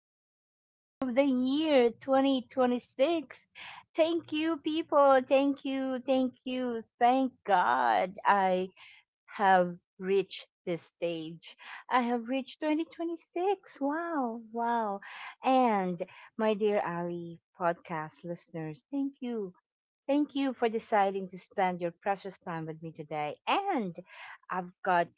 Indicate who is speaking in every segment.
Speaker 1: day of the year 2026. Thank you, people. Thank you, thank you. Thank God I have reached this stage. I have reached 2026. Wow, wow. And my dear Ali podcast listeners, thank you. Thank you for deciding to spend your precious time with me today. And I've got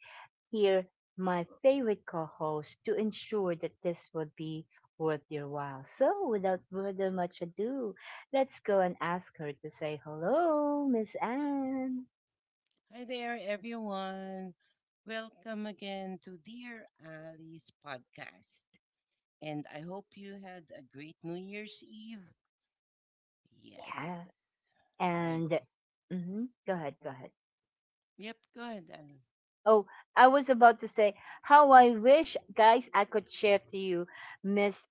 Speaker 1: here my favorite co-host to ensure that this would be worth your while. So, without further much ado, let's go and ask her to say hello, Miss Anne.
Speaker 2: Hi there, everyone. Welcome again to Dear Ali's podcast. And I hope you had a great New Year's Eve. Yes.
Speaker 1: Yeah,
Speaker 2: Right.
Speaker 1: and hmm go ahead, go ahead.
Speaker 2: Yep, go ahead, Ali.
Speaker 1: Oh, I was about to say how I wish, guys, I could share to you Miss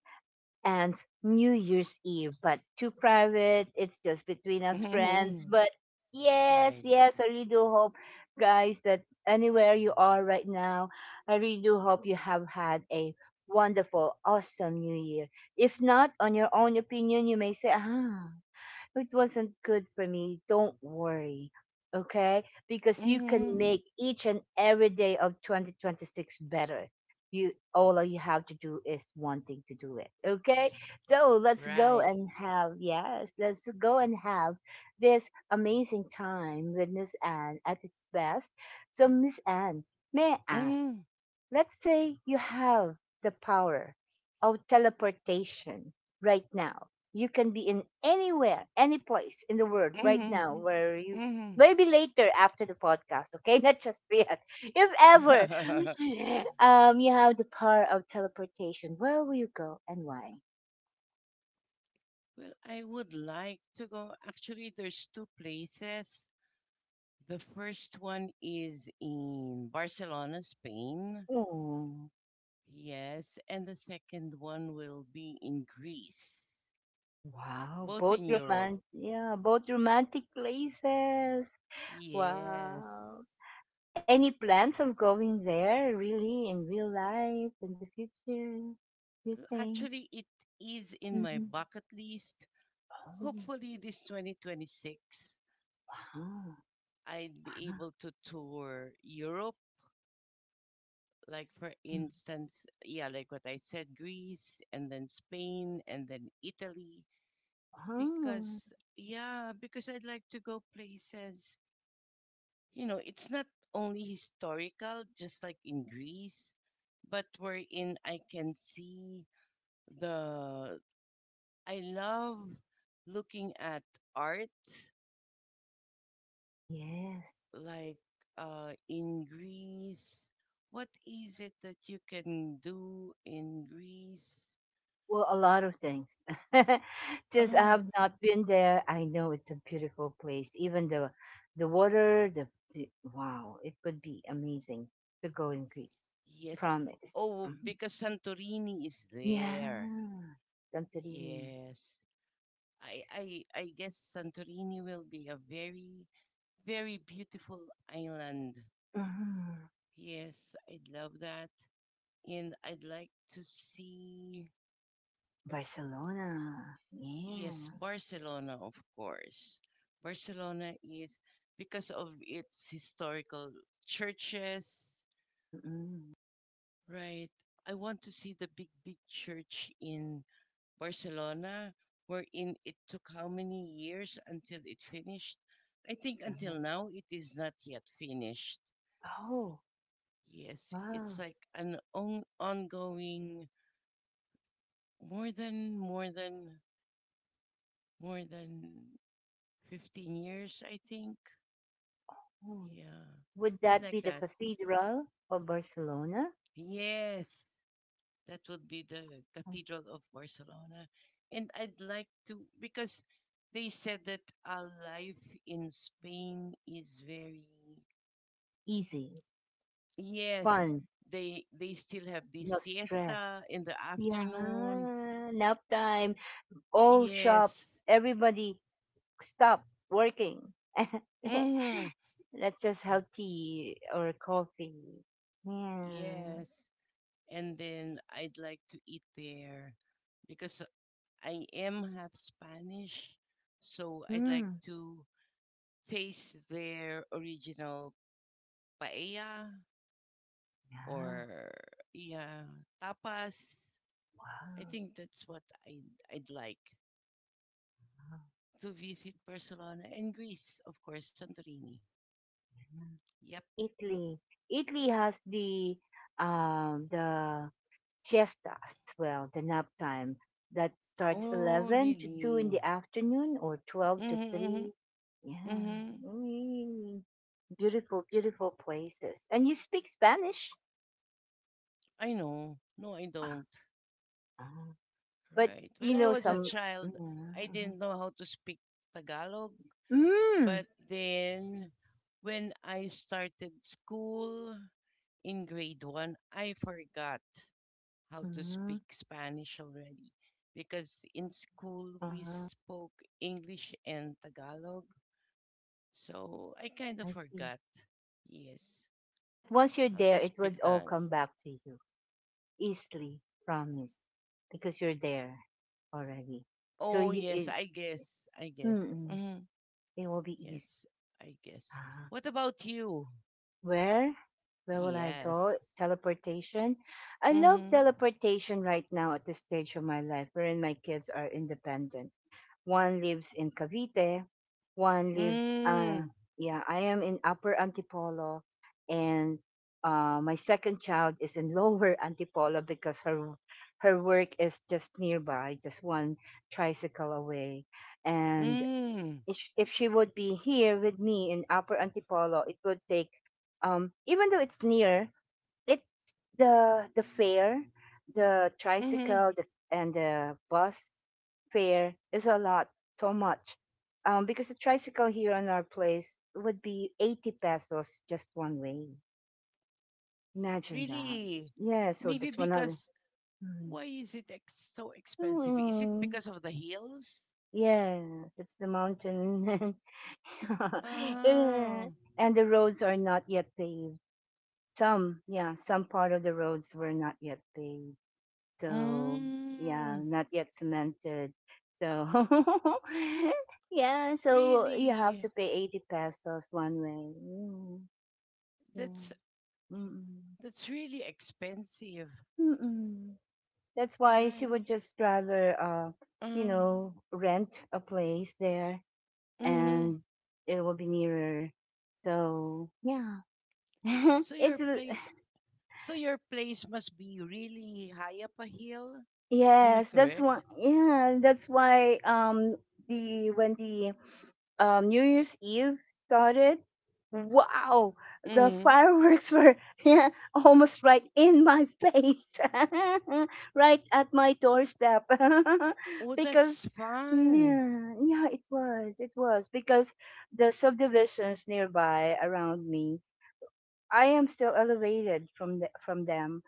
Speaker 1: and New Year's Eve, but too private. It's just between us friends.
Speaker 2: hmm
Speaker 1: But yes,
Speaker 2: Right.
Speaker 1: yes, I really do hope, guys, that anywhere you are right now, I really do hope you have had a wonderful, awesome New Year. If not, on your own opinion, you may say, ah, it wasn't good for me, don't worry. Okay? Because you can
Speaker 2: hmm
Speaker 1: make each and every day of 2026 better. You all you have to do is wanting to do it. Okay? So let's go
Speaker 2: Right.
Speaker 1: and have yes, let's go and have this amazing time with Miss Anne at its best. So Miss Anne, may I ask.
Speaker 2: hmm
Speaker 1: Let's say you have the power of teleportation right now. You can be in anywhere, any place in the world right now
Speaker 2: hmm
Speaker 1: where you
Speaker 2: hmm
Speaker 1: maybe later after the podcast, okay? Not just yet. If ever
Speaker 2: well,
Speaker 1: you have the power of teleportation, where will you go and why?
Speaker 2: I would like to go. Actually, there's two places. The first one is in Barcelona, Spain.
Speaker 1: Oh,
Speaker 2: Yes, and the second one will be in Greece,
Speaker 1: wow.
Speaker 2: both
Speaker 1: Both
Speaker 2: in Europe.
Speaker 1: romantic, yeah, both romantic places.
Speaker 2: Yes.
Speaker 1: Wow. Any plans of going there, really, in real life, in the future, you think?
Speaker 2: Actually, it is in my
Speaker 1: Hmm
Speaker 2: bucket list.
Speaker 1: Oh,
Speaker 2: Hopefully, this 2026,
Speaker 1: wow.
Speaker 2: I'd be
Speaker 1: Wow.
Speaker 2: able to tour Europe. Like, for
Speaker 1: Mm.
Speaker 2: instance, yeah, like what I said, Greece, and then Spain, and then Italy.
Speaker 1: Wow.
Speaker 2: Because, yeah, because I'd like to go places. It's not only historical, just like in Greece, but wherein I can see the. I love looking at art,
Speaker 1: Yes.
Speaker 2: like in Greece. What is it that you can do in Greece?
Speaker 1: Well, a lot of things. Since I
Speaker 2: Ah,
Speaker 1: have not been there, I know it's a beautiful place. Even the the water, the wow, it would be amazing to go in Greece.
Speaker 2: yes.
Speaker 1: Promise.
Speaker 2: Oh,
Speaker 1: Mhm.
Speaker 2: because Santorini is there.
Speaker 1: Yeah. Santorini.
Speaker 2: Yes. I guess Santorini will be a very very beautiful island.
Speaker 1: Mhm.
Speaker 2: Yes, I'd love that. And I'd like to see
Speaker 1: Barcelona,
Speaker 2: yes,
Speaker 1: yeah.
Speaker 2: Barcelona of course. Barcelona is because of its historical churches.
Speaker 1: Mm.
Speaker 2: Right. I want to see the big, big church in Barcelona, wherein it took how many years until it finished? I think until
Speaker 1: Uh-huh.
Speaker 2: now it is not yet finished.
Speaker 1: Oh,
Speaker 2: Yes, it's
Speaker 1: wow.
Speaker 2: like an ongoing more than more than more than 15 years, I think.
Speaker 1: Oh.
Speaker 2: Yeah.
Speaker 1: Would
Speaker 2: I'd
Speaker 1: that be
Speaker 2: like
Speaker 1: the
Speaker 2: that.
Speaker 1: Cathedral of Barcelona?
Speaker 2: Yes. That would be the
Speaker 1: Oh,
Speaker 2: Cathedral of Barcelona. And I'd like to, because they said that our life in Spain is very,
Speaker 1: easy,
Speaker 2: yes,
Speaker 1: fun,
Speaker 2: they still have this
Speaker 1: no stress.
Speaker 2: siesta in the afternoon.
Speaker 1: Yeah, nap time. All
Speaker 2: Yes.
Speaker 1: shops, everybody stop working.
Speaker 2: hmm
Speaker 1: Let's just have tea or coffee. Yeah.
Speaker 2: Yes. And then I'd like to eat there because I am half Spanish. So I'd like
Speaker 1: Mm.
Speaker 2: to taste their original paella
Speaker 1: Yeah.
Speaker 2: or yeah, tapas. I
Speaker 1: Wow,
Speaker 2: think that's what I'd like
Speaker 1: wow,
Speaker 2: to visit Barcelona and Greece, of course, Santorini.
Speaker 1: yeah.
Speaker 2: Yep.
Speaker 1: Italy. Italy has the siesta as well, the nap time that starts
Speaker 2: Oh,
Speaker 1: 11 to two
Speaker 2: really?
Speaker 1: in the afternoon or 12 to
Speaker 2: Mm-hmm,
Speaker 1: three. Yeah,
Speaker 2: mm-hmm.
Speaker 1: mm, beautiful, beautiful places. And you speak Spanish.
Speaker 2: I know. No, I don't.
Speaker 1: Uh-huh. But
Speaker 2: Right. When
Speaker 1: you
Speaker 2: I
Speaker 1: know
Speaker 2: was a
Speaker 1: some.
Speaker 2: child, I
Speaker 1: Mm-hmm.
Speaker 2: didn't know how to speak Tagalog.
Speaker 1: Mm-hmm.
Speaker 2: But
Speaker 1: Mm.
Speaker 2: then when I started school in grade one, I forgot how to speak
Speaker 1: Mm-hmm.
Speaker 2: Spanish already because in school
Speaker 1: Uh
Speaker 2: we
Speaker 1: huh.
Speaker 2: spoke English and Tagalog. So I kind of
Speaker 1: I see.
Speaker 2: forgot. Yes,
Speaker 1: But once you're
Speaker 2: how to
Speaker 1: there, it
Speaker 2: speak
Speaker 1: would all
Speaker 2: the.
Speaker 1: come back to you easily, promise, because you're there already. So
Speaker 2: Oh,
Speaker 1: you,
Speaker 2: yes,
Speaker 1: it,
Speaker 2: I guess. I guess.
Speaker 1: mm-mm, it will be easy.
Speaker 2: Yes, I guess.
Speaker 1: Ah.
Speaker 2: What about you?
Speaker 1: Where? Where will I
Speaker 2: Yes.
Speaker 1: go? Teleportation. I love
Speaker 2: Mm-hmm.
Speaker 1: teleportation right now at this stage of my life wherein my kids are independent. One lives in Cavite, one lives
Speaker 2: Mm.
Speaker 1: yeah, I am in Upper Antipolo and my second child is in Lower Antipolo because her work is just nearby, just one tricycle away. And
Speaker 2: Mm.
Speaker 1: if she would be here with me in Upper Antipolo, it would take even though it's near, it's the fare, the
Speaker 2: Mm-hmm.
Speaker 1: tricycle, the, and the bus fare is a lot, so much. Because the tricycle here in our place would be 80 pesos just one way. Imagine that.
Speaker 2: Really?
Speaker 1: Yeah, so
Speaker 2: Maybe
Speaker 1: that's one
Speaker 2: because why is it so expensive? Is it
Speaker 1: hundred.
Speaker 2: because of the hills?
Speaker 1: Yes, it's the mountain. Eh,
Speaker 2: Oh.
Speaker 1: and the roads are not yet paved. Some, yeah, some part of the roads were not yet paved. So, yeah,
Speaker 2: Mm.
Speaker 1: not yet cemented. So, yeah, so you have
Speaker 2: Really?
Speaker 1: to pay 80 pesos one way. Mm, mm.
Speaker 2: That's
Speaker 1: Mm-mm.
Speaker 2: that's really expensive,
Speaker 1: Mm-mm. That's why she
Speaker 2: right?
Speaker 1: would just rather, you
Speaker 2: Uh,
Speaker 1: know, rent a place there
Speaker 2: mm.
Speaker 1: and it will be nearer. So yeah,
Speaker 2: So your
Speaker 1: it's a-
Speaker 2: place so your place must be really high up a hill. Am I
Speaker 1: yes. That's
Speaker 2: correct?
Speaker 1: why, yeah. That's why the When the New Year's Eve started. Wow, the
Speaker 2: Mm.
Speaker 1: fireworks were, yeah, almost right in my face, right at my doorstep,
Speaker 2: Oh,
Speaker 1: because
Speaker 2: that's
Speaker 1: mm,
Speaker 2: fun.
Speaker 1: yeah, yeah, it was because the subdivisions nearby around me, I am still elevated from from them,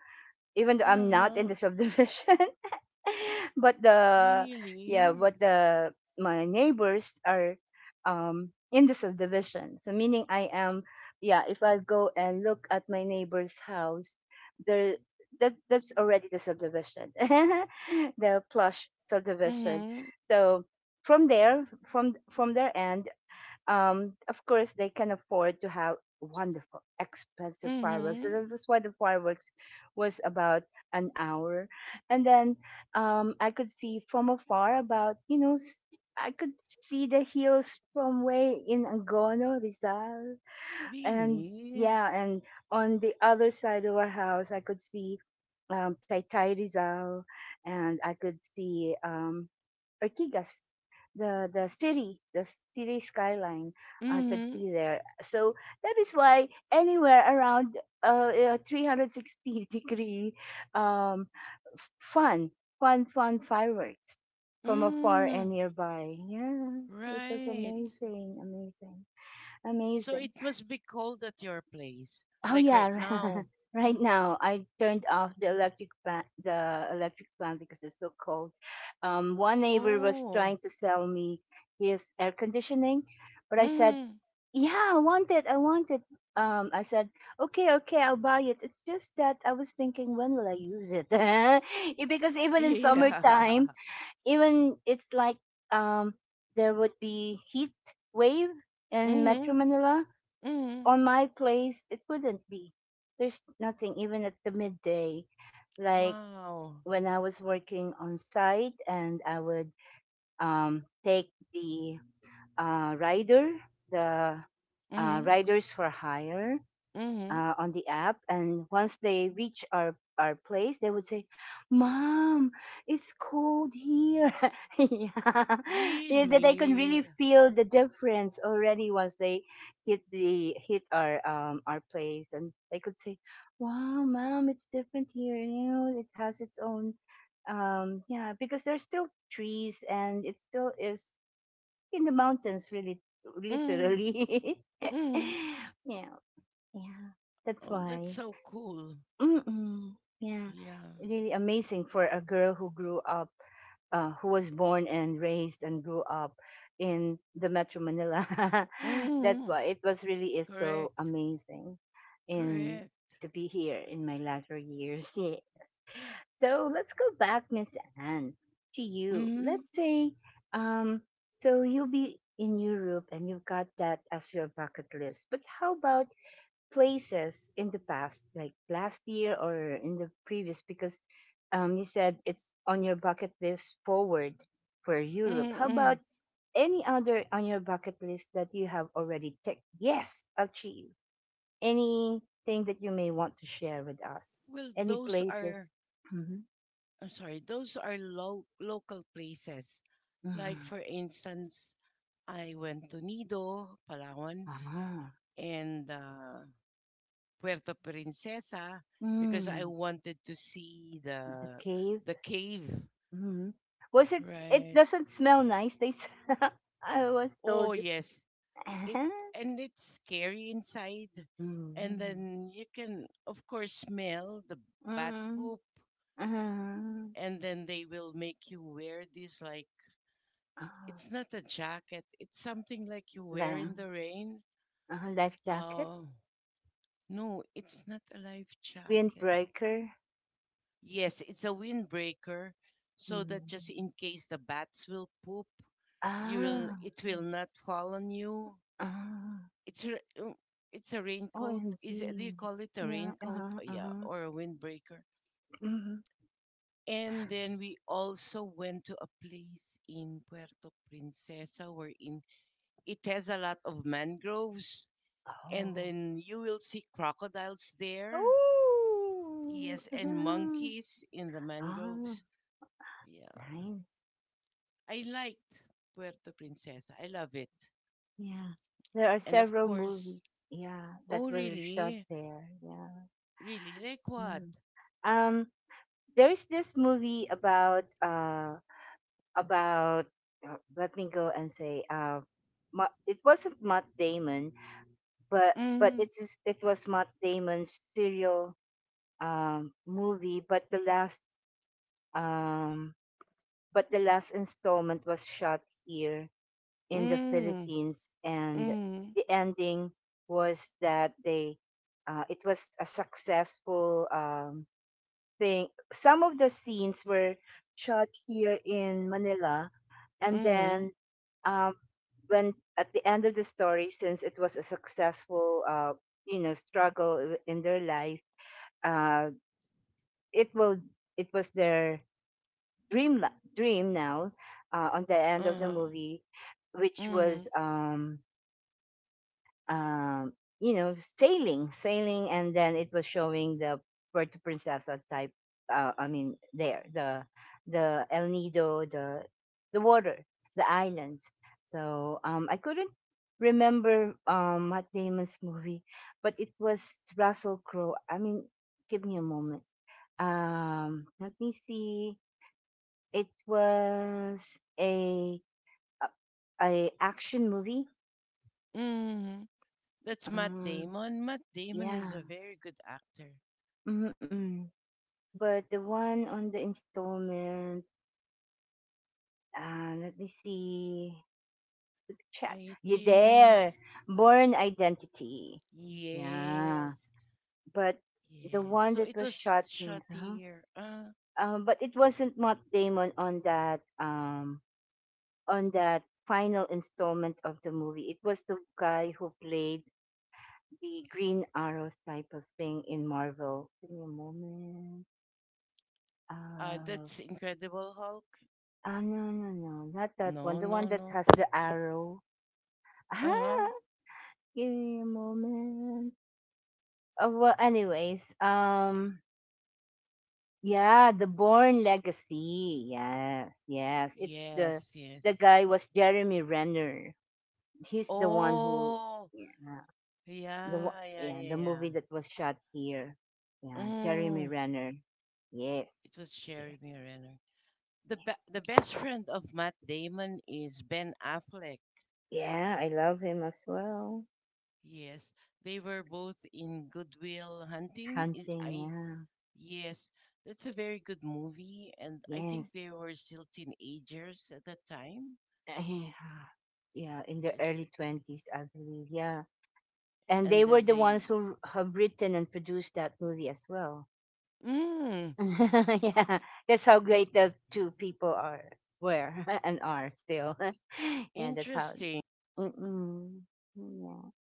Speaker 1: even though I'm not in
Speaker 2: Uh-huh.
Speaker 1: the subdivision. but the yeah,
Speaker 2: Really?
Speaker 1: but the my neighbors are in the subdivision. So meaning I am, yeah. If I go and look at my neighbor's house, there, that's already the subdivision, the plush subdivision.
Speaker 2: Mm-hmm.
Speaker 1: So from there, from their end, of course, they can afford to have wonderful, expensive fireworks. So
Speaker 2: Mm-hmm.
Speaker 1: that's why the fireworks was about an hour. And then I could see from afar about, you know, I could see the hills from way in Angono, Rizal, and
Speaker 2: Really?
Speaker 1: yeah, and on the other side of our house, I could see Taytay Rizal, and I could see Ortigas, the city, the city skyline. I could
Speaker 2: Mm-hmm.
Speaker 1: see there. So that is why anywhere around 360 degree, um, f- fun, fun fireworks from afar and
Speaker 2: Mm.
Speaker 1: nearby. Yeah, it was
Speaker 2: Right.
Speaker 1: amazing, amazing,
Speaker 2: So
Speaker 1: amazing.
Speaker 2: it must be cold at your place,
Speaker 1: Oh
Speaker 2: like
Speaker 1: yeah,
Speaker 2: right now. Uh,
Speaker 1: right now I turned off the electric fan because it's so cold. One neighbor was
Speaker 2: Oh,
Speaker 1: trying to sell me his air conditioning, but I said,
Speaker 2: mm,
Speaker 1: "Yeah, I want it. I want it." I said, "Okay, okay, I'll buy it." It's just that I was thinking, when will I use it? Eh, because even in summertime,
Speaker 2: yeah,
Speaker 1: even it's like um, there would be heat wave in Metro
Speaker 2: mm,
Speaker 1: Manila.
Speaker 2: mm,
Speaker 1: On my place it wouldn't be, there's nothing even at the midday, like
Speaker 2: wow,
Speaker 1: when I was working on site and I would take the uh, rider the
Speaker 2: mm,
Speaker 1: riders for hire
Speaker 2: mm,
Speaker 1: on the app, and once they reach our place they would say, mom, it's cold here. Yeah, yeah, that I can
Speaker 2: really,
Speaker 1: really feel the difference already once they hit our place, and they could say, wow, mom, it's different here, you know, it has its own yeah, because there's still trees and it still is in the mountains, really,
Speaker 2: mm,
Speaker 1: literally.
Speaker 2: mm.
Speaker 1: Yeah, yeah, that's
Speaker 2: Oh, that's
Speaker 1: why.
Speaker 2: so cool.
Speaker 1: Mm-mm. Yeah,
Speaker 2: Yeah,
Speaker 1: really amazing for a girl who grew up, who was born and raised and grew up in the Metro Manila. That's
Speaker 2: mm,
Speaker 1: why it was really is so
Speaker 2: correct,
Speaker 1: amazing, in
Speaker 2: correct.
Speaker 1: to be here in my latter years. Yeah. So let's go back, Miss Anne, to you.
Speaker 2: Mm,
Speaker 1: Let's say, um, so you'll be in Europe and you've got that as your bucket list. But how about places in the past, like last year or in the previous, because you said it's on your bucket list forward for Europe.
Speaker 2: mm,
Speaker 1: How
Speaker 2: mm.
Speaker 1: about any other on your bucket list that you have already ticked? Yes, achieved. Anything that you may want to share with us?
Speaker 2: Well,
Speaker 1: Any
Speaker 2: those are
Speaker 1: places? Mm-hmm.
Speaker 2: I'm sorry, those are local places. Like,
Speaker 1: Mm-hmm.
Speaker 2: for instance, I went to Nido, Palawan,
Speaker 1: Ah,
Speaker 2: and Puerto Princesa because I
Speaker 1: mm,
Speaker 2: wanted to see
Speaker 1: the cave.
Speaker 2: the cave,
Speaker 1: Mm-hmm. Was it? It
Speaker 2: right?
Speaker 1: doesn't smell nice. I was
Speaker 2: Oh
Speaker 1: told.
Speaker 2: yes, it and it's scary inside, and
Speaker 1: Mhm.
Speaker 2: then you can of course smell the bat
Speaker 1: Mm,
Speaker 2: poop,
Speaker 1: ah,
Speaker 2: and then they will make you wear these like
Speaker 1: ah,
Speaker 2: it's not a jacket. It's something like you
Speaker 1: la
Speaker 2: wear in the rain.
Speaker 1: uh, life jacket?
Speaker 2: Oh, no, it's not a life jacket.
Speaker 1: Windbreaker?
Speaker 2: Yes, it's a windbreaker so that
Speaker 1: Mhm.
Speaker 2: just in case the bats will poop, you will Mm.
Speaker 1: Ah,
Speaker 2: it will not fall on you.
Speaker 1: ah,
Speaker 2: It's a, um, it's a raincoat. Is it, do
Speaker 1: OMG.
Speaker 2: you call it a
Speaker 1: Yeah,
Speaker 2: raincoat?
Speaker 1: uh-huh,
Speaker 2: Yeah,
Speaker 1: uh-huh.
Speaker 2: or a windbreaker.
Speaker 1: hmm
Speaker 2: And then we also went to a place in Puerto Princesa wherein it has a lot of mangroves and
Speaker 1: Oh.
Speaker 2: then you will see crocodiles there.
Speaker 1: Oh,
Speaker 2: Yes, and
Speaker 1: uh-huh.
Speaker 2: monkeys in the
Speaker 1: Ah,
Speaker 2: mangroves. Yeah,
Speaker 1: nice.
Speaker 2: I liked Puerto Princesa. I love it.
Speaker 1: Yeah. There are
Speaker 2: And of
Speaker 1: several
Speaker 2: course,
Speaker 1: movies, yeah, that
Speaker 2: oh
Speaker 1: were shot
Speaker 2: really,
Speaker 1: there. Yeah.
Speaker 2: really like what?
Speaker 1: Mm. Um, there's this movie about about let me go and say Ma- it wasn't Matt Damon, but
Speaker 2: Mm,
Speaker 1: it was Matt Damon's serial movie, um, but the last installment was shot here in the
Speaker 2: mm,
Speaker 1: Philippines, and
Speaker 2: mm,
Speaker 1: the ending was that they it was a successful thing. Some of the scenes were shot here in Manila, and
Speaker 2: mm,
Speaker 1: then um, when at the end of the story, since it was a successful you know, struggle in their life, uh, it will it was their dream now, on the end of the
Speaker 2: uh,
Speaker 1: movie, which
Speaker 2: mm,
Speaker 1: was um, you know, sailing, sailing, and then it was showing the Puerto Princesa type. I mean, there the El Nido, the water, the islands. So I couldn't remember Matt Damon's movie, but it was Russell Crowe. I mean, give me a moment. Let me see. It was a, a action movie.
Speaker 2: mm. That's Matt
Speaker 1: Um,
Speaker 2: Damon. Matt Damon is
Speaker 1: yeah.
Speaker 2: a very good actor.
Speaker 1: Mm-hmm. But the one on the installment, let me see. Check.
Speaker 2: I
Speaker 1: You
Speaker 2: think
Speaker 1: there. Born Identity. Yeah.
Speaker 2: yes,
Speaker 1: But the
Speaker 2: yes.
Speaker 1: one
Speaker 2: So
Speaker 1: that
Speaker 2: it
Speaker 1: was
Speaker 2: was
Speaker 1: shot in,
Speaker 2: shot
Speaker 1: uh-huh,
Speaker 2: here.
Speaker 1: but it wasn't Matt Damon on that on that final installment of the movie. It was the guy who played the Green Arrow type of thing in Marvel. Give me a moment. Uh,
Speaker 2: That's Incredible Hulk.
Speaker 1: oh, no no no, not that one.
Speaker 2: No,
Speaker 1: The one
Speaker 2: no,
Speaker 1: that
Speaker 2: no.
Speaker 1: has the arrow.
Speaker 2: Uh huh.
Speaker 1: Ah, give me a moment. Oh, well, anyways, yeah, the Born Legacy. Yes, yes. It the
Speaker 2: Yes,
Speaker 1: the
Speaker 2: yes.
Speaker 1: guy was Jeremy Renner. He's the one who,
Speaker 2: Oh,
Speaker 1: yeah, the one,
Speaker 2: yeah, yeah,
Speaker 1: yeah,
Speaker 2: yeah,
Speaker 1: the
Speaker 2: yeah.
Speaker 1: movie that was shot here. Yeah, Jeremy
Speaker 2: Mm,
Speaker 1: Renner. Yes,
Speaker 2: it was
Speaker 1: yes,
Speaker 2: Jeremy Renner. The the best friend of Matt Damon is Ben Affleck.
Speaker 1: yeah. I love him as well.
Speaker 2: Yes, they were both in Goodwill Hunting. Is I
Speaker 1: Hunting.
Speaker 2: yes, that's a very good movie, and I
Speaker 1: Yeah,
Speaker 2: think
Speaker 1: yes.
Speaker 2: they were still teenagers at that time.
Speaker 1: Yeah, in the
Speaker 2: Yes,
Speaker 1: early twenties, I believe. Yeah, and they
Speaker 2: and
Speaker 1: were
Speaker 2: then
Speaker 1: the ones
Speaker 2: they.
Speaker 1: who have written and produced that movie as well.
Speaker 2: Mm,
Speaker 1: Yeah, that's how great those two people are, were, and are still. Yeah, that's how.
Speaker 2: interesting.
Speaker 1: Mm-mm, yeah.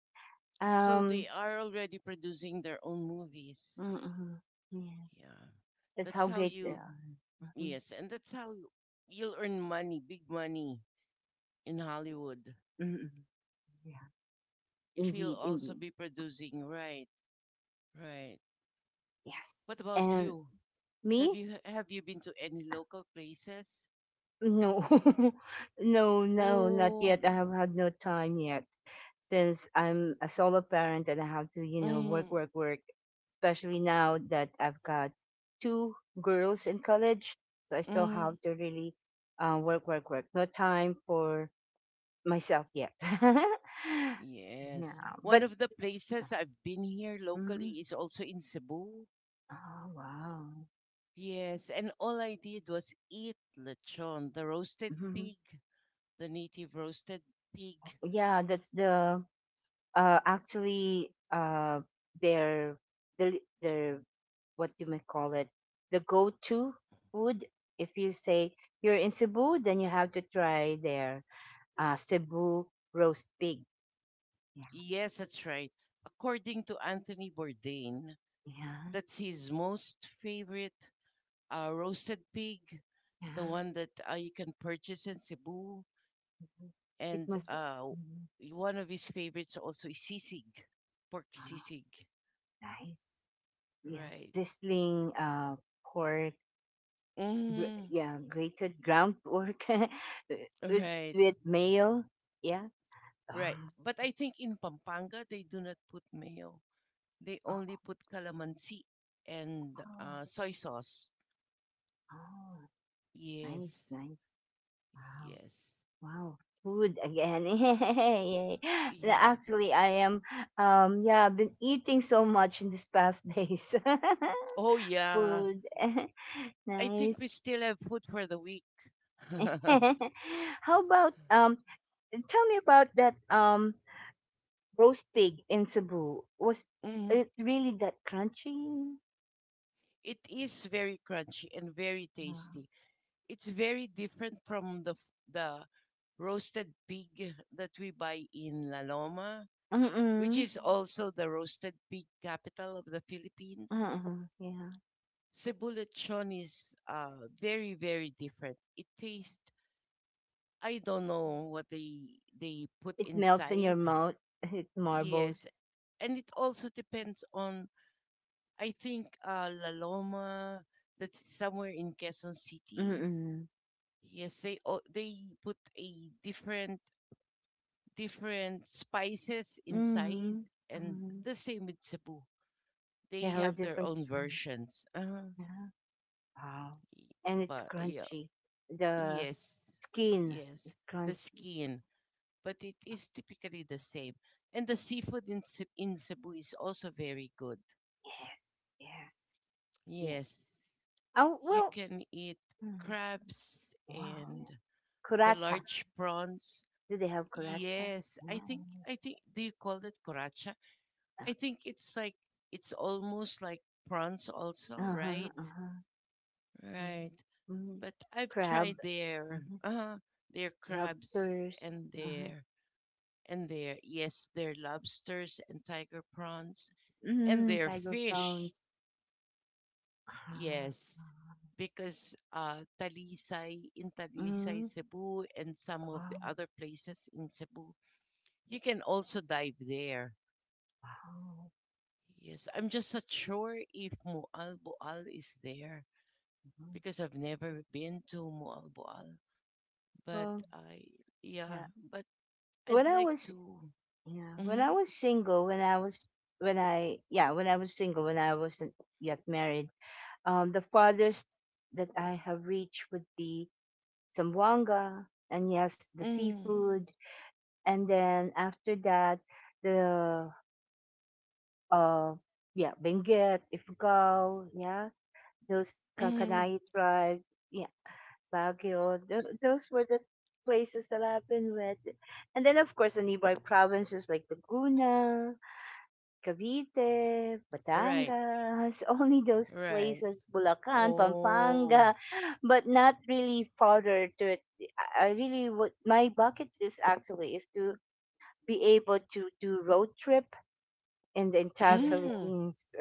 Speaker 2: So they
Speaker 1: Um.
Speaker 2: are already producing their own movies.
Speaker 1: Mm-mm, yeah,
Speaker 2: Yeah.
Speaker 1: that's
Speaker 2: That's
Speaker 1: how
Speaker 2: how
Speaker 1: great they
Speaker 2: you,
Speaker 1: are. Mhm,
Speaker 2: yes, and that's how you'll earn money, big money in Hollywood.
Speaker 1: mm-mm, yeah,
Speaker 2: If you'll
Speaker 1: indeed,
Speaker 2: also
Speaker 1: indeed.
Speaker 2: be producing, right, right.
Speaker 1: Yes.
Speaker 2: What about
Speaker 1: And
Speaker 2: you? Have
Speaker 1: me?
Speaker 2: you have you been to any local places?
Speaker 1: No, no, no, not
Speaker 2: Oh,
Speaker 1: yet. I have had no time yet. Since I'm a solo parent and I have to, you know, work,
Speaker 2: mm,
Speaker 1: work, work, especially now that I've got two girls in college. So I still
Speaker 2: mm,
Speaker 1: have to really work, work, work. No time for myself yet. Yeah,
Speaker 2: yes. One
Speaker 1: but,
Speaker 2: of the places I've been here
Speaker 1: mhm.
Speaker 2: locally is also in Cebu.
Speaker 1: Oh, wow.
Speaker 2: Yes, and all I did was eat lechon, the roasted
Speaker 1: Mhm.
Speaker 2: pig, the native roasted pig.
Speaker 1: Yeah, that's the actually their their their what you may call it, the go-to food. If you say you're in Cebu, then you have to try their Cebu roast pig. Yeah,
Speaker 2: Yes, that's right. According to Anthony Bourdain,
Speaker 1: yeah,
Speaker 2: that's his most favorite roasted pig, the
Speaker 1: yeah,
Speaker 2: one that you can purchase in Cebu.
Speaker 1: mhm. It
Speaker 2: And
Speaker 1: must mhm.
Speaker 2: one of his favorites also is sisig, pork
Speaker 1: Ah,
Speaker 2: sisig.
Speaker 1: nice. Yeah,
Speaker 2: Right.
Speaker 1: sizzling pork.
Speaker 2: Mm,
Speaker 1: Yeah, grated ground pork with,
Speaker 2: right,
Speaker 1: with mayo, yeah.
Speaker 2: right.
Speaker 1: Ah,
Speaker 2: But I think in Pampanga, they do not put mayo. They only
Speaker 1: oh,
Speaker 2: put calamansi and
Speaker 1: oh,
Speaker 2: soy sauce.
Speaker 1: oh. Nice,
Speaker 2: Yes.
Speaker 1: nice. Wow,
Speaker 2: Yes.
Speaker 1: wow. Food again. Yay. Yeah,
Speaker 2: Yeah.
Speaker 1: actually, I am, yeah, I've been eating so much in these past days.
Speaker 2: Oh, yeah.
Speaker 1: Food.
Speaker 2: I think
Speaker 1: Nice.
Speaker 2: we still have food for the week.
Speaker 1: How about, tell me about that, roast pig in Cebu. Was
Speaker 2: Mhm.
Speaker 1: it really that crunchy?
Speaker 2: It is very crunchy and very
Speaker 1: Wow.
Speaker 2: tasty. It's very different from the roasted pig that we buy in La Loma, which
Speaker 1: Mm-mm.
Speaker 2: is also the roasted pig capital of the Philippines.
Speaker 1: Mm-mm. Yeah.
Speaker 2: Cebu lechon is very, very different. It tastes I don't know what they put
Speaker 1: It melts in your
Speaker 2: inside.
Speaker 1: mouth. It
Speaker 2: Yes,
Speaker 1: marbles.
Speaker 2: and it also depends on I think La Loma that's somewhere in Quezon City.
Speaker 1: Mm-mm.
Speaker 2: Yes, they put a different spices inside,
Speaker 1: Mm-hmm.
Speaker 2: and
Speaker 1: Mm-hmm.
Speaker 2: the same with Cebu.
Speaker 1: They
Speaker 2: They
Speaker 1: have a
Speaker 2: have their
Speaker 1: different
Speaker 2: own
Speaker 1: smell.
Speaker 2: versions.
Speaker 1: Yeah. Wow.
Speaker 2: Y-
Speaker 1: And it's
Speaker 2: but yeah,
Speaker 1: crunchy. The
Speaker 2: yes,
Speaker 1: skin
Speaker 2: yes,
Speaker 1: is
Speaker 2: the
Speaker 1: crunchy.
Speaker 2: skin. But it is typically the same. And the seafood in in Cebu is also very good.
Speaker 1: Yes, yes, yeah.
Speaker 2: Yes,
Speaker 1: Oh,
Speaker 2: you
Speaker 1: well,
Speaker 2: can eat
Speaker 1: mm,
Speaker 2: crabs
Speaker 1: wow. Yeah.
Speaker 2: and the
Speaker 1: Kuracha.
Speaker 2: large prawns.
Speaker 1: Do they have kuracha?
Speaker 2: Yes, I
Speaker 1: Yeah.
Speaker 2: think I think do you call it coracha? I think it's like it's almost like prawns also,
Speaker 1: Uh-huh,
Speaker 2: right?
Speaker 1: uh-huh.
Speaker 2: Right.
Speaker 1: Yeah. Mm.
Speaker 2: But I've tried
Speaker 1: Crab.
Speaker 2: their
Speaker 1: Hmm.
Speaker 2: their crabs
Speaker 1: Lobsters.
Speaker 2: and
Speaker 1: Uh-huh.
Speaker 2: their yes, their lobsters and tiger prawns. And
Speaker 1: Mm,
Speaker 2: their
Speaker 1: tiger
Speaker 2: fish.
Speaker 1: prawns. Ah,
Speaker 2: Yes, because Talisay, in
Speaker 1: mm,
Speaker 2: Talisay, Cebu, and some of the
Speaker 1: wow,
Speaker 2: other places in Cebu, you can also dive there.
Speaker 1: wow.
Speaker 2: Yes, I'm just not sure if Mualboal is there
Speaker 1: Mhm.
Speaker 2: because I've never been to Mualboal. But
Speaker 1: Well,
Speaker 2: I, yeah,
Speaker 1: yeah.
Speaker 2: but I'd
Speaker 1: When I
Speaker 2: like
Speaker 1: was
Speaker 2: to.
Speaker 1: Yeah, when I
Speaker 2: Mhm,
Speaker 1: was single, when I was when I yeah, when I was single, when I wasn't yet married, the farthest that I have reached would be Zamboanga, and yes, the
Speaker 2: mhm,
Speaker 1: seafood, and then after that, the uh, yeah, Benguet, Ifugao, yeah, those
Speaker 2: mhm.
Speaker 1: Kankanai tribe, yeah, Baguio, those were the places that I've been with, and then of course the nearby provinces like Laguna, Cavite,
Speaker 2: Right,
Speaker 1: Batangas, only those
Speaker 2: right.
Speaker 1: places, Bulacan,
Speaker 2: Oh,
Speaker 1: Pampanga, but not really farther to it. I really would, my bucket list actually is to be able to do road trip in the
Speaker 2: Mm.
Speaker 1: entire
Speaker 2: mm,
Speaker 1: Philippines.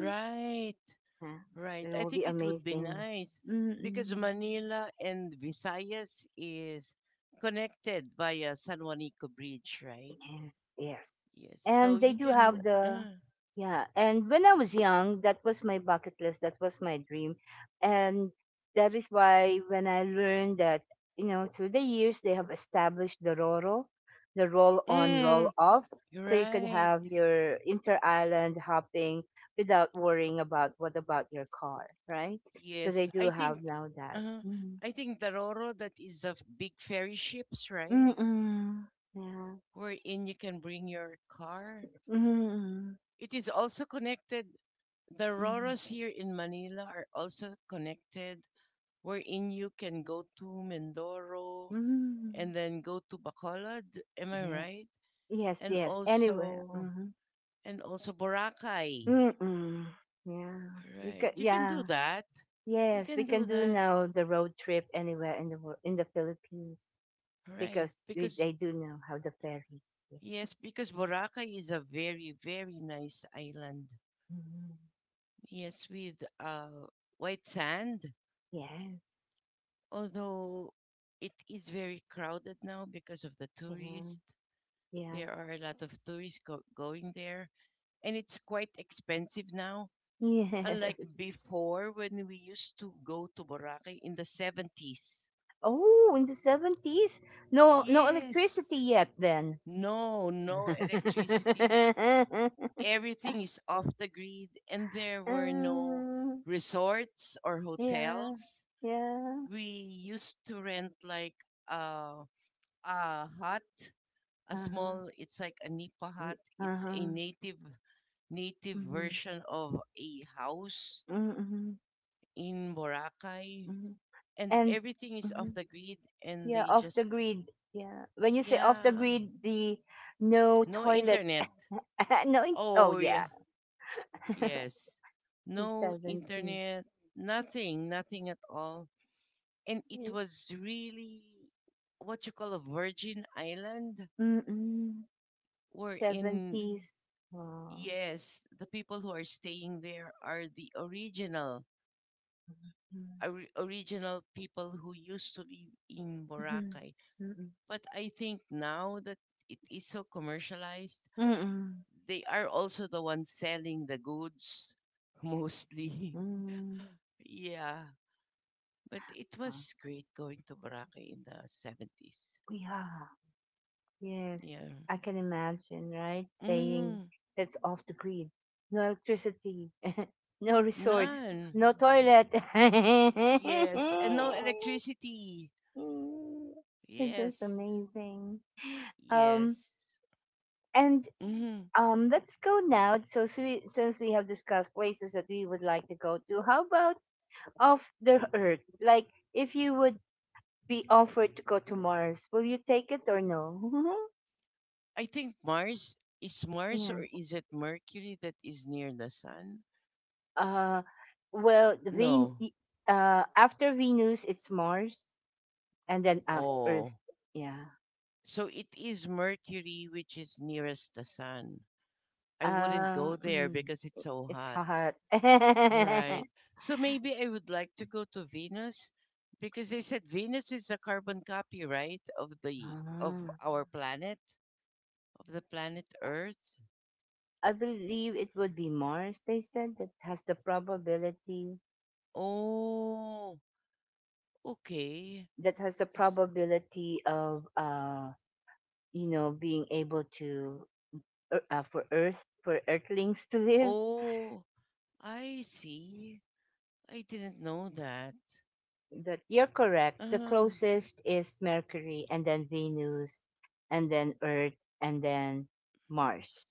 Speaker 2: right.
Speaker 1: Yeah,
Speaker 2: Right.
Speaker 1: it
Speaker 2: I
Speaker 1: will be
Speaker 2: think it would be
Speaker 1: amazing.
Speaker 2: nice because
Speaker 1: Mm-mm.
Speaker 2: Manila and Visayas is connected by a San Juanico Bridge, right?
Speaker 1: Yes, yes.
Speaker 2: Yes. So
Speaker 1: And they
Speaker 2: you
Speaker 1: do
Speaker 2: can.
Speaker 1: have the yeah, and when I was young, that was my bucket list, that was my dream. And that is why when I learned that, you know, through the years they have established the Roro, the roll on, roll
Speaker 2: Mm,
Speaker 1: off.
Speaker 2: you're
Speaker 1: So you could
Speaker 2: right.
Speaker 1: have your inter island hopping without worrying about what about your car, right? So they
Speaker 2: Yes.
Speaker 1: do
Speaker 2: I think.
Speaker 1: have now that.
Speaker 2: Uh,
Speaker 1: Mm-hmm.
Speaker 2: I think the Roro that is of big ferry ships, right?
Speaker 1: Mm-mm. Yeah.
Speaker 2: Wherein you can bring your car.
Speaker 1: Mm-mm.
Speaker 2: It is also connected. The Roros here in Manila are also connected wherein you can go to Mindoro
Speaker 1: Mm-mm.
Speaker 2: and then go to Bacolod. Am I
Speaker 1: Yeah.
Speaker 2: right?
Speaker 1: Yes,
Speaker 2: And
Speaker 1: yes. Anywhere.
Speaker 2: also
Speaker 1: Mm-hmm.
Speaker 2: and also Boracay.
Speaker 1: Mm-mm. Yeah. We
Speaker 2: Right.
Speaker 1: can.
Speaker 2: You can do
Speaker 1: Yeah.
Speaker 2: that. You
Speaker 1: Yes, we
Speaker 2: can
Speaker 1: can
Speaker 2: do
Speaker 1: do
Speaker 2: that.
Speaker 1: now the road trip anywhere in the world, in the Philippines,
Speaker 2: Right.
Speaker 1: because we,
Speaker 2: Because
Speaker 1: they do know how the ferries.
Speaker 2: yes, because Boracay is a very, very nice island.
Speaker 1: Yeah. Mhm.
Speaker 2: Yes, with white sand.
Speaker 1: Yes.
Speaker 2: Although it is very crowded now because of the
Speaker 1: Yeah.
Speaker 2: tourists.
Speaker 1: Yeah.
Speaker 2: There are a lot of tourists going there, and it's quite expensive now. Unlike
Speaker 1: Yes.
Speaker 2: before when we used to go to Boracay in the 70s.
Speaker 1: Oh, in the 70s, no, no
Speaker 2: Yes.
Speaker 1: electricity yet. Then.
Speaker 2: No, no electricity. Everything is off the grid and there were no
Speaker 1: Um,
Speaker 2: resorts or
Speaker 1: yeah.
Speaker 2: hotels.
Speaker 1: Yeah.
Speaker 2: We used to rent like a, a hut, a
Speaker 1: Uh huh.
Speaker 2: small, it's like a nipa hut.
Speaker 1: Uh
Speaker 2: It's a
Speaker 1: huh.
Speaker 2: native native version of a house
Speaker 1: Mm-hmm.
Speaker 2: in Boracay
Speaker 1: Mm-hmm.
Speaker 2: and
Speaker 1: And
Speaker 2: everything is
Speaker 1: mm-hmm.
Speaker 2: off the grid and
Speaker 1: Yeah,
Speaker 2: they
Speaker 1: off the
Speaker 2: just
Speaker 1: grid. Yeah, when you say off the
Speaker 2: yeah
Speaker 1: grid, the no
Speaker 2: no
Speaker 1: toilet
Speaker 2: internet
Speaker 1: no in- oh
Speaker 2: oh yeah
Speaker 1: yeah.
Speaker 2: yes
Speaker 1: The
Speaker 2: no
Speaker 1: 70s.
Speaker 2: internet nothing nothing at all and it
Speaker 1: Mm,
Speaker 2: was really what you call a virgin island
Speaker 1: mm-hmm.
Speaker 2: wherein
Speaker 1: 70s, oh,
Speaker 2: yes the people who are staying there are the original original people who used to live in
Speaker 1: mm-hmm.
Speaker 2: boracay
Speaker 1: Mm-hmm.
Speaker 2: but I think now that it is so commercialized
Speaker 1: Mm-hmm.
Speaker 2: they are also the ones selling the goods mostly.
Speaker 1: Mm-hmm.
Speaker 2: yeah. But it was great going to Boracay in the 70s.
Speaker 1: Yeah. Yes,
Speaker 2: Yeah.
Speaker 1: I can imagine, right? Saying
Speaker 2: Mm,
Speaker 1: it's off the grid, no electricity, no resorts,
Speaker 2: none.
Speaker 1: no toilet.
Speaker 2: Yes. And no electricity.
Speaker 1: It was
Speaker 2: Yes.
Speaker 1: amazing. Um,
Speaker 2: Yes.
Speaker 1: and
Speaker 2: Mm.
Speaker 1: let's go now. So since we have discussed places that we would like to go to, how about off the Earth? Like, if you would be offered to go to Mars, will you take it or no?
Speaker 2: I think Mars is Mars
Speaker 1: Yeah.
Speaker 2: or is it Mercury that is near the sun?
Speaker 1: Uh, well,
Speaker 2: No.
Speaker 1: after Venus, it's Mars, and then us, Earth.
Speaker 2: Oh.
Speaker 1: Yeah.
Speaker 2: So it is Mercury which is nearest the sun. I wouldn't
Speaker 1: Uh,
Speaker 2: go there
Speaker 1: mm,
Speaker 2: because it's so
Speaker 1: it's
Speaker 2: hot.
Speaker 1: hot.
Speaker 2: Right. So maybe I would like to go to Venus because they said Venus is a carbon copy, right, of the of
Speaker 1: Ah,
Speaker 2: our planet, of the planet Earth.
Speaker 1: I believe it would be Mars. They said that has the probability,
Speaker 2: Oh, okay.
Speaker 1: that has the
Speaker 2: S-
Speaker 1: probability of you know, being able to for Earthlings to live.
Speaker 2: Oh, I see. I didn't know that.
Speaker 1: That you're correct. The
Speaker 2: Uh,
Speaker 1: closest is Mercury, and then Venus, and then Earth, and then Mars.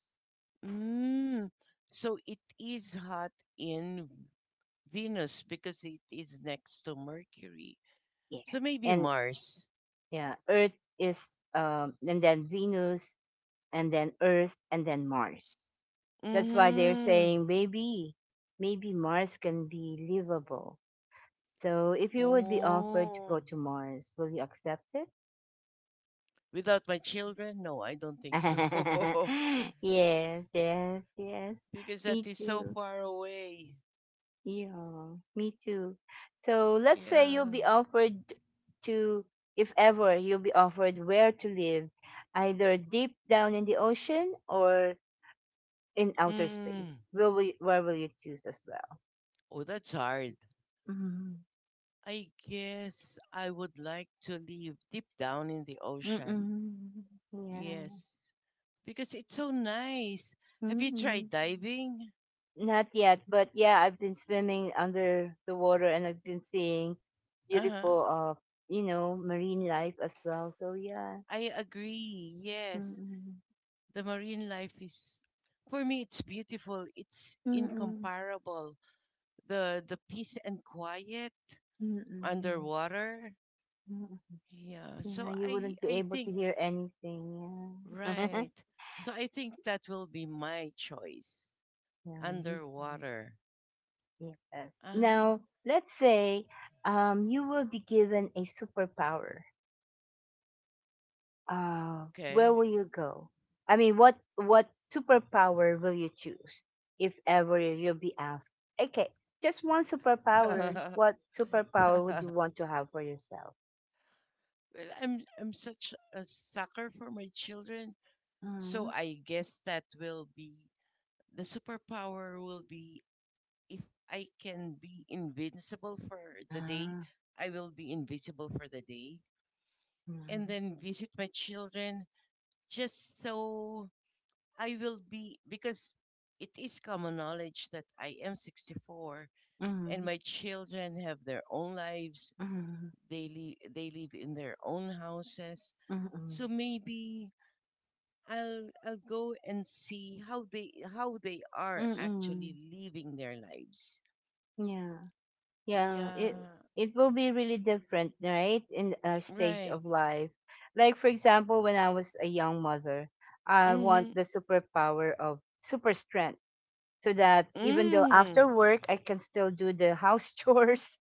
Speaker 2: mm. So it is hot in Venus because it is next to Mercury. So
Speaker 1: Yes,
Speaker 2: maybe
Speaker 1: and
Speaker 2: Mars.
Speaker 1: yeah, Earth is and then Venus, and then Earth, and then Mars. That's why they're
Speaker 2: Mm-hmm.
Speaker 1: saying maybe, maybe Mars can be livable. So if you would be offered to go
Speaker 2: Oh.
Speaker 1: to Mars, will you accept it?
Speaker 2: Without my children? No, I don't think so.
Speaker 1: Yes, yes, yes.
Speaker 2: because that
Speaker 1: Me
Speaker 2: is so
Speaker 1: too.
Speaker 2: far away.
Speaker 1: Yeah, me too. So let's say you'll
Speaker 2: Yeah.
Speaker 1: be offered to, if ever you'll be offered where to live, either deep down in the ocean or in outer space.
Speaker 2: Mm.
Speaker 1: Where will you choose as well?
Speaker 2: Oh, that's hard.
Speaker 1: Mm-hmm.
Speaker 2: I guess I would like to live deep down in the ocean.
Speaker 1: Mm-mm. Yeah.
Speaker 2: Yes. Because it's so nice. Have you
Speaker 1: Mm-mm.
Speaker 2: tried diving?
Speaker 1: Not yet, but yeah, I've been swimming under the water and I've been seeing
Speaker 2: Uh-huh.
Speaker 1: beautiful, you know, marine life as well. So yeah.
Speaker 2: I agree. Yes.
Speaker 1: Mm-mm.
Speaker 2: The marine life is for me it's beautiful. It's
Speaker 1: Mm-mm.
Speaker 2: incomparable. The peace and quiet
Speaker 1: Mm-mm.
Speaker 2: underwater.
Speaker 1: Mm,
Speaker 2: Yeah.
Speaker 1: yeah,
Speaker 2: So
Speaker 1: you
Speaker 2: I
Speaker 1: wouldn't be
Speaker 2: I
Speaker 1: able to hear
Speaker 2: think
Speaker 1: anything. Yeah.
Speaker 2: right. So I think that will be my choice.
Speaker 1: Yeah, me too.
Speaker 2: Underwater.
Speaker 1: Yes.
Speaker 2: Ah.
Speaker 1: Now, let's say you will be given a superpower. Where
Speaker 2: okay.
Speaker 1: will you go? I mean, what superpower will you choose if ever you'll be asked? Okay, just one superpower. What superpower would you want to have for yourself?
Speaker 2: Well, I'm such a sucker for my children, so
Speaker 1: Mm-hmm.
Speaker 2: I guess that will be the superpower will be if I can be invincible for the day, I will be invisible for the day and
Speaker 1: Mm-hmm.
Speaker 2: then visit my children just so I will be because it is common knowledge that I am 64 and
Speaker 1: Mm-hmm.
Speaker 2: my children have their own lives.
Speaker 1: Mm-hmm.
Speaker 2: They live in their own houses.
Speaker 1: Mm-hmm.
Speaker 2: So maybe I'll go and see how they are
Speaker 1: Mm-hmm.
Speaker 2: actually living their lives.
Speaker 1: Yeah. Yeah, it
Speaker 2: Yeah,
Speaker 1: it will be really different, right? In our stage
Speaker 2: right.
Speaker 1: of life. Like for example, when I was a young mother, I
Speaker 2: Mm-hmm.
Speaker 1: want the superpower of super strength so that even though
Speaker 2: Mm.
Speaker 1: after work I can still do the house chores,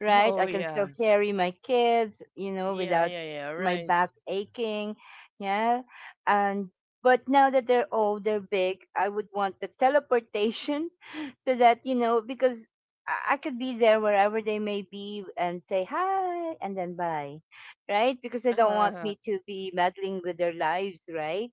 Speaker 1: right?
Speaker 2: Oh
Speaker 1: I can still
Speaker 2: yeah.
Speaker 1: carry my kids, you know,
Speaker 2: Yeah,
Speaker 1: without
Speaker 2: yeah, yeah.
Speaker 1: my
Speaker 2: Right.
Speaker 1: back aching. Yeah. And but now that they're old, they're big, I would want the teleportation so that, you know, because I could be there wherever they may be and say hi and then bye, right? Because they don't want me to be meddling with their lives, right?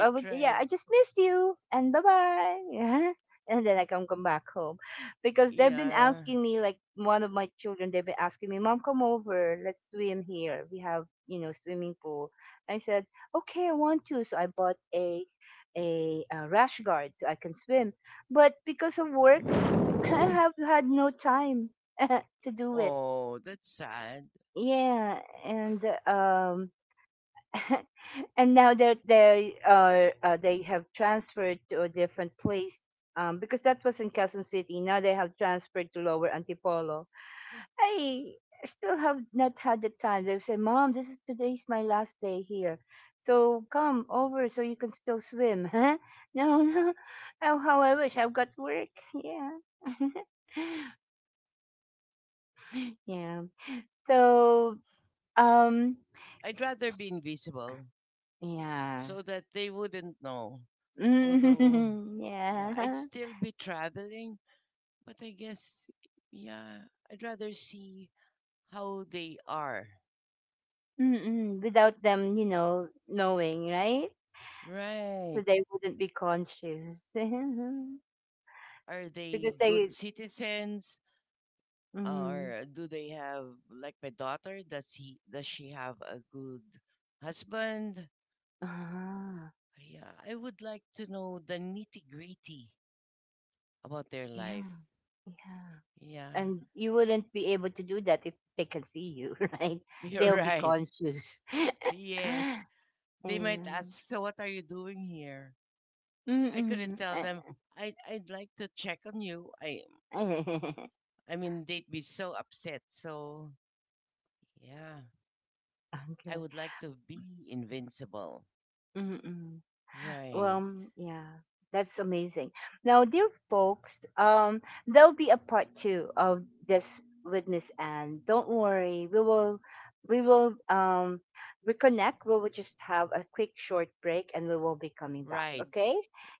Speaker 1: I would, yeah,
Speaker 2: right.
Speaker 1: I just missed you and bye bye. Yeah. And then I can come back home because they've been
Speaker 2: Yeah.
Speaker 1: asking me, like one of my children, they've been asking me, "Mom, come over, let's swim here, we have, you know, swimming pool." I said okay, I want to, so I bought a rash guard so I can swim, but because of work I have had no time to do it.
Speaker 2: Oh, that's sad.
Speaker 1: Yeah, and and now they are they have transferred to a different place, because that was in Quezon City. Now they have transferred to Lower Antipolo. I still have not had the time. They say, "Mom, this is today's my last day here, so come over so you can still swim." Huh? No, no. Oh, how I wish I've got work. Yeah, yeah. So, um,
Speaker 2: I'd rather be invisible
Speaker 1: yeah,
Speaker 2: so that they wouldn't know. Although, yeah, I'd
Speaker 1: yeah.
Speaker 2: still be traveling, but I guess yeah, I'd rather see how they are.
Speaker 1: Mm-mm, without them, you know, knowing, right? So
Speaker 2: Right.
Speaker 1: they wouldn't be conscious
Speaker 2: Are they
Speaker 1: because
Speaker 2: good
Speaker 1: they.
Speaker 2: citizens?
Speaker 1: Mm,
Speaker 2: Or do they have like my daughter does he does she have a good husband
Speaker 1: ah,
Speaker 2: yeah I would like to know the nitty gritty about their
Speaker 1: yeah,
Speaker 2: life
Speaker 1: yeah.
Speaker 2: yeah
Speaker 1: And you wouldn't be able to do that if they can see you, right?
Speaker 2: you're
Speaker 1: They'll be
Speaker 2: right
Speaker 1: conscious.
Speaker 2: yes
Speaker 1: Yeah.
Speaker 2: they might ask so what are you doing here I couldn't
Speaker 1: Mm-mm.
Speaker 2: tell them i'd like to check on you I mean they'd be so upset so yeah I
Speaker 1: Okay.
Speaker 2: would like to be invincible
Speaker 1: Mm-mm.
Speaker 2: right
Speaker 1: Yeah, that's amazing. Now, dear folks, there'll be a part two of this with Miss Anne. Don't worry, we will reconnect. We will just have a quick short break and we will be coming back.
Speaker 2: right
Speaker 1: Okay?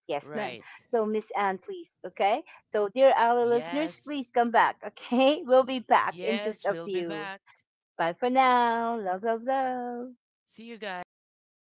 Speaker 1: Yes, ma'am.
Speaker 2: right
Speaker 1: So Miss Anne, please, okay? So dear our listeners,
Speaker 2: Yes,
Speaker 1: please come back, okay? We'll be back in just
Speaker 2: Yes,
Speaker 1: a
Speaker 2: we'll be
Speaker 1: few.
Speaker 2: back.
Speaker 1: Bye for now. Love, love, love.
Speaker 2: See you guys later.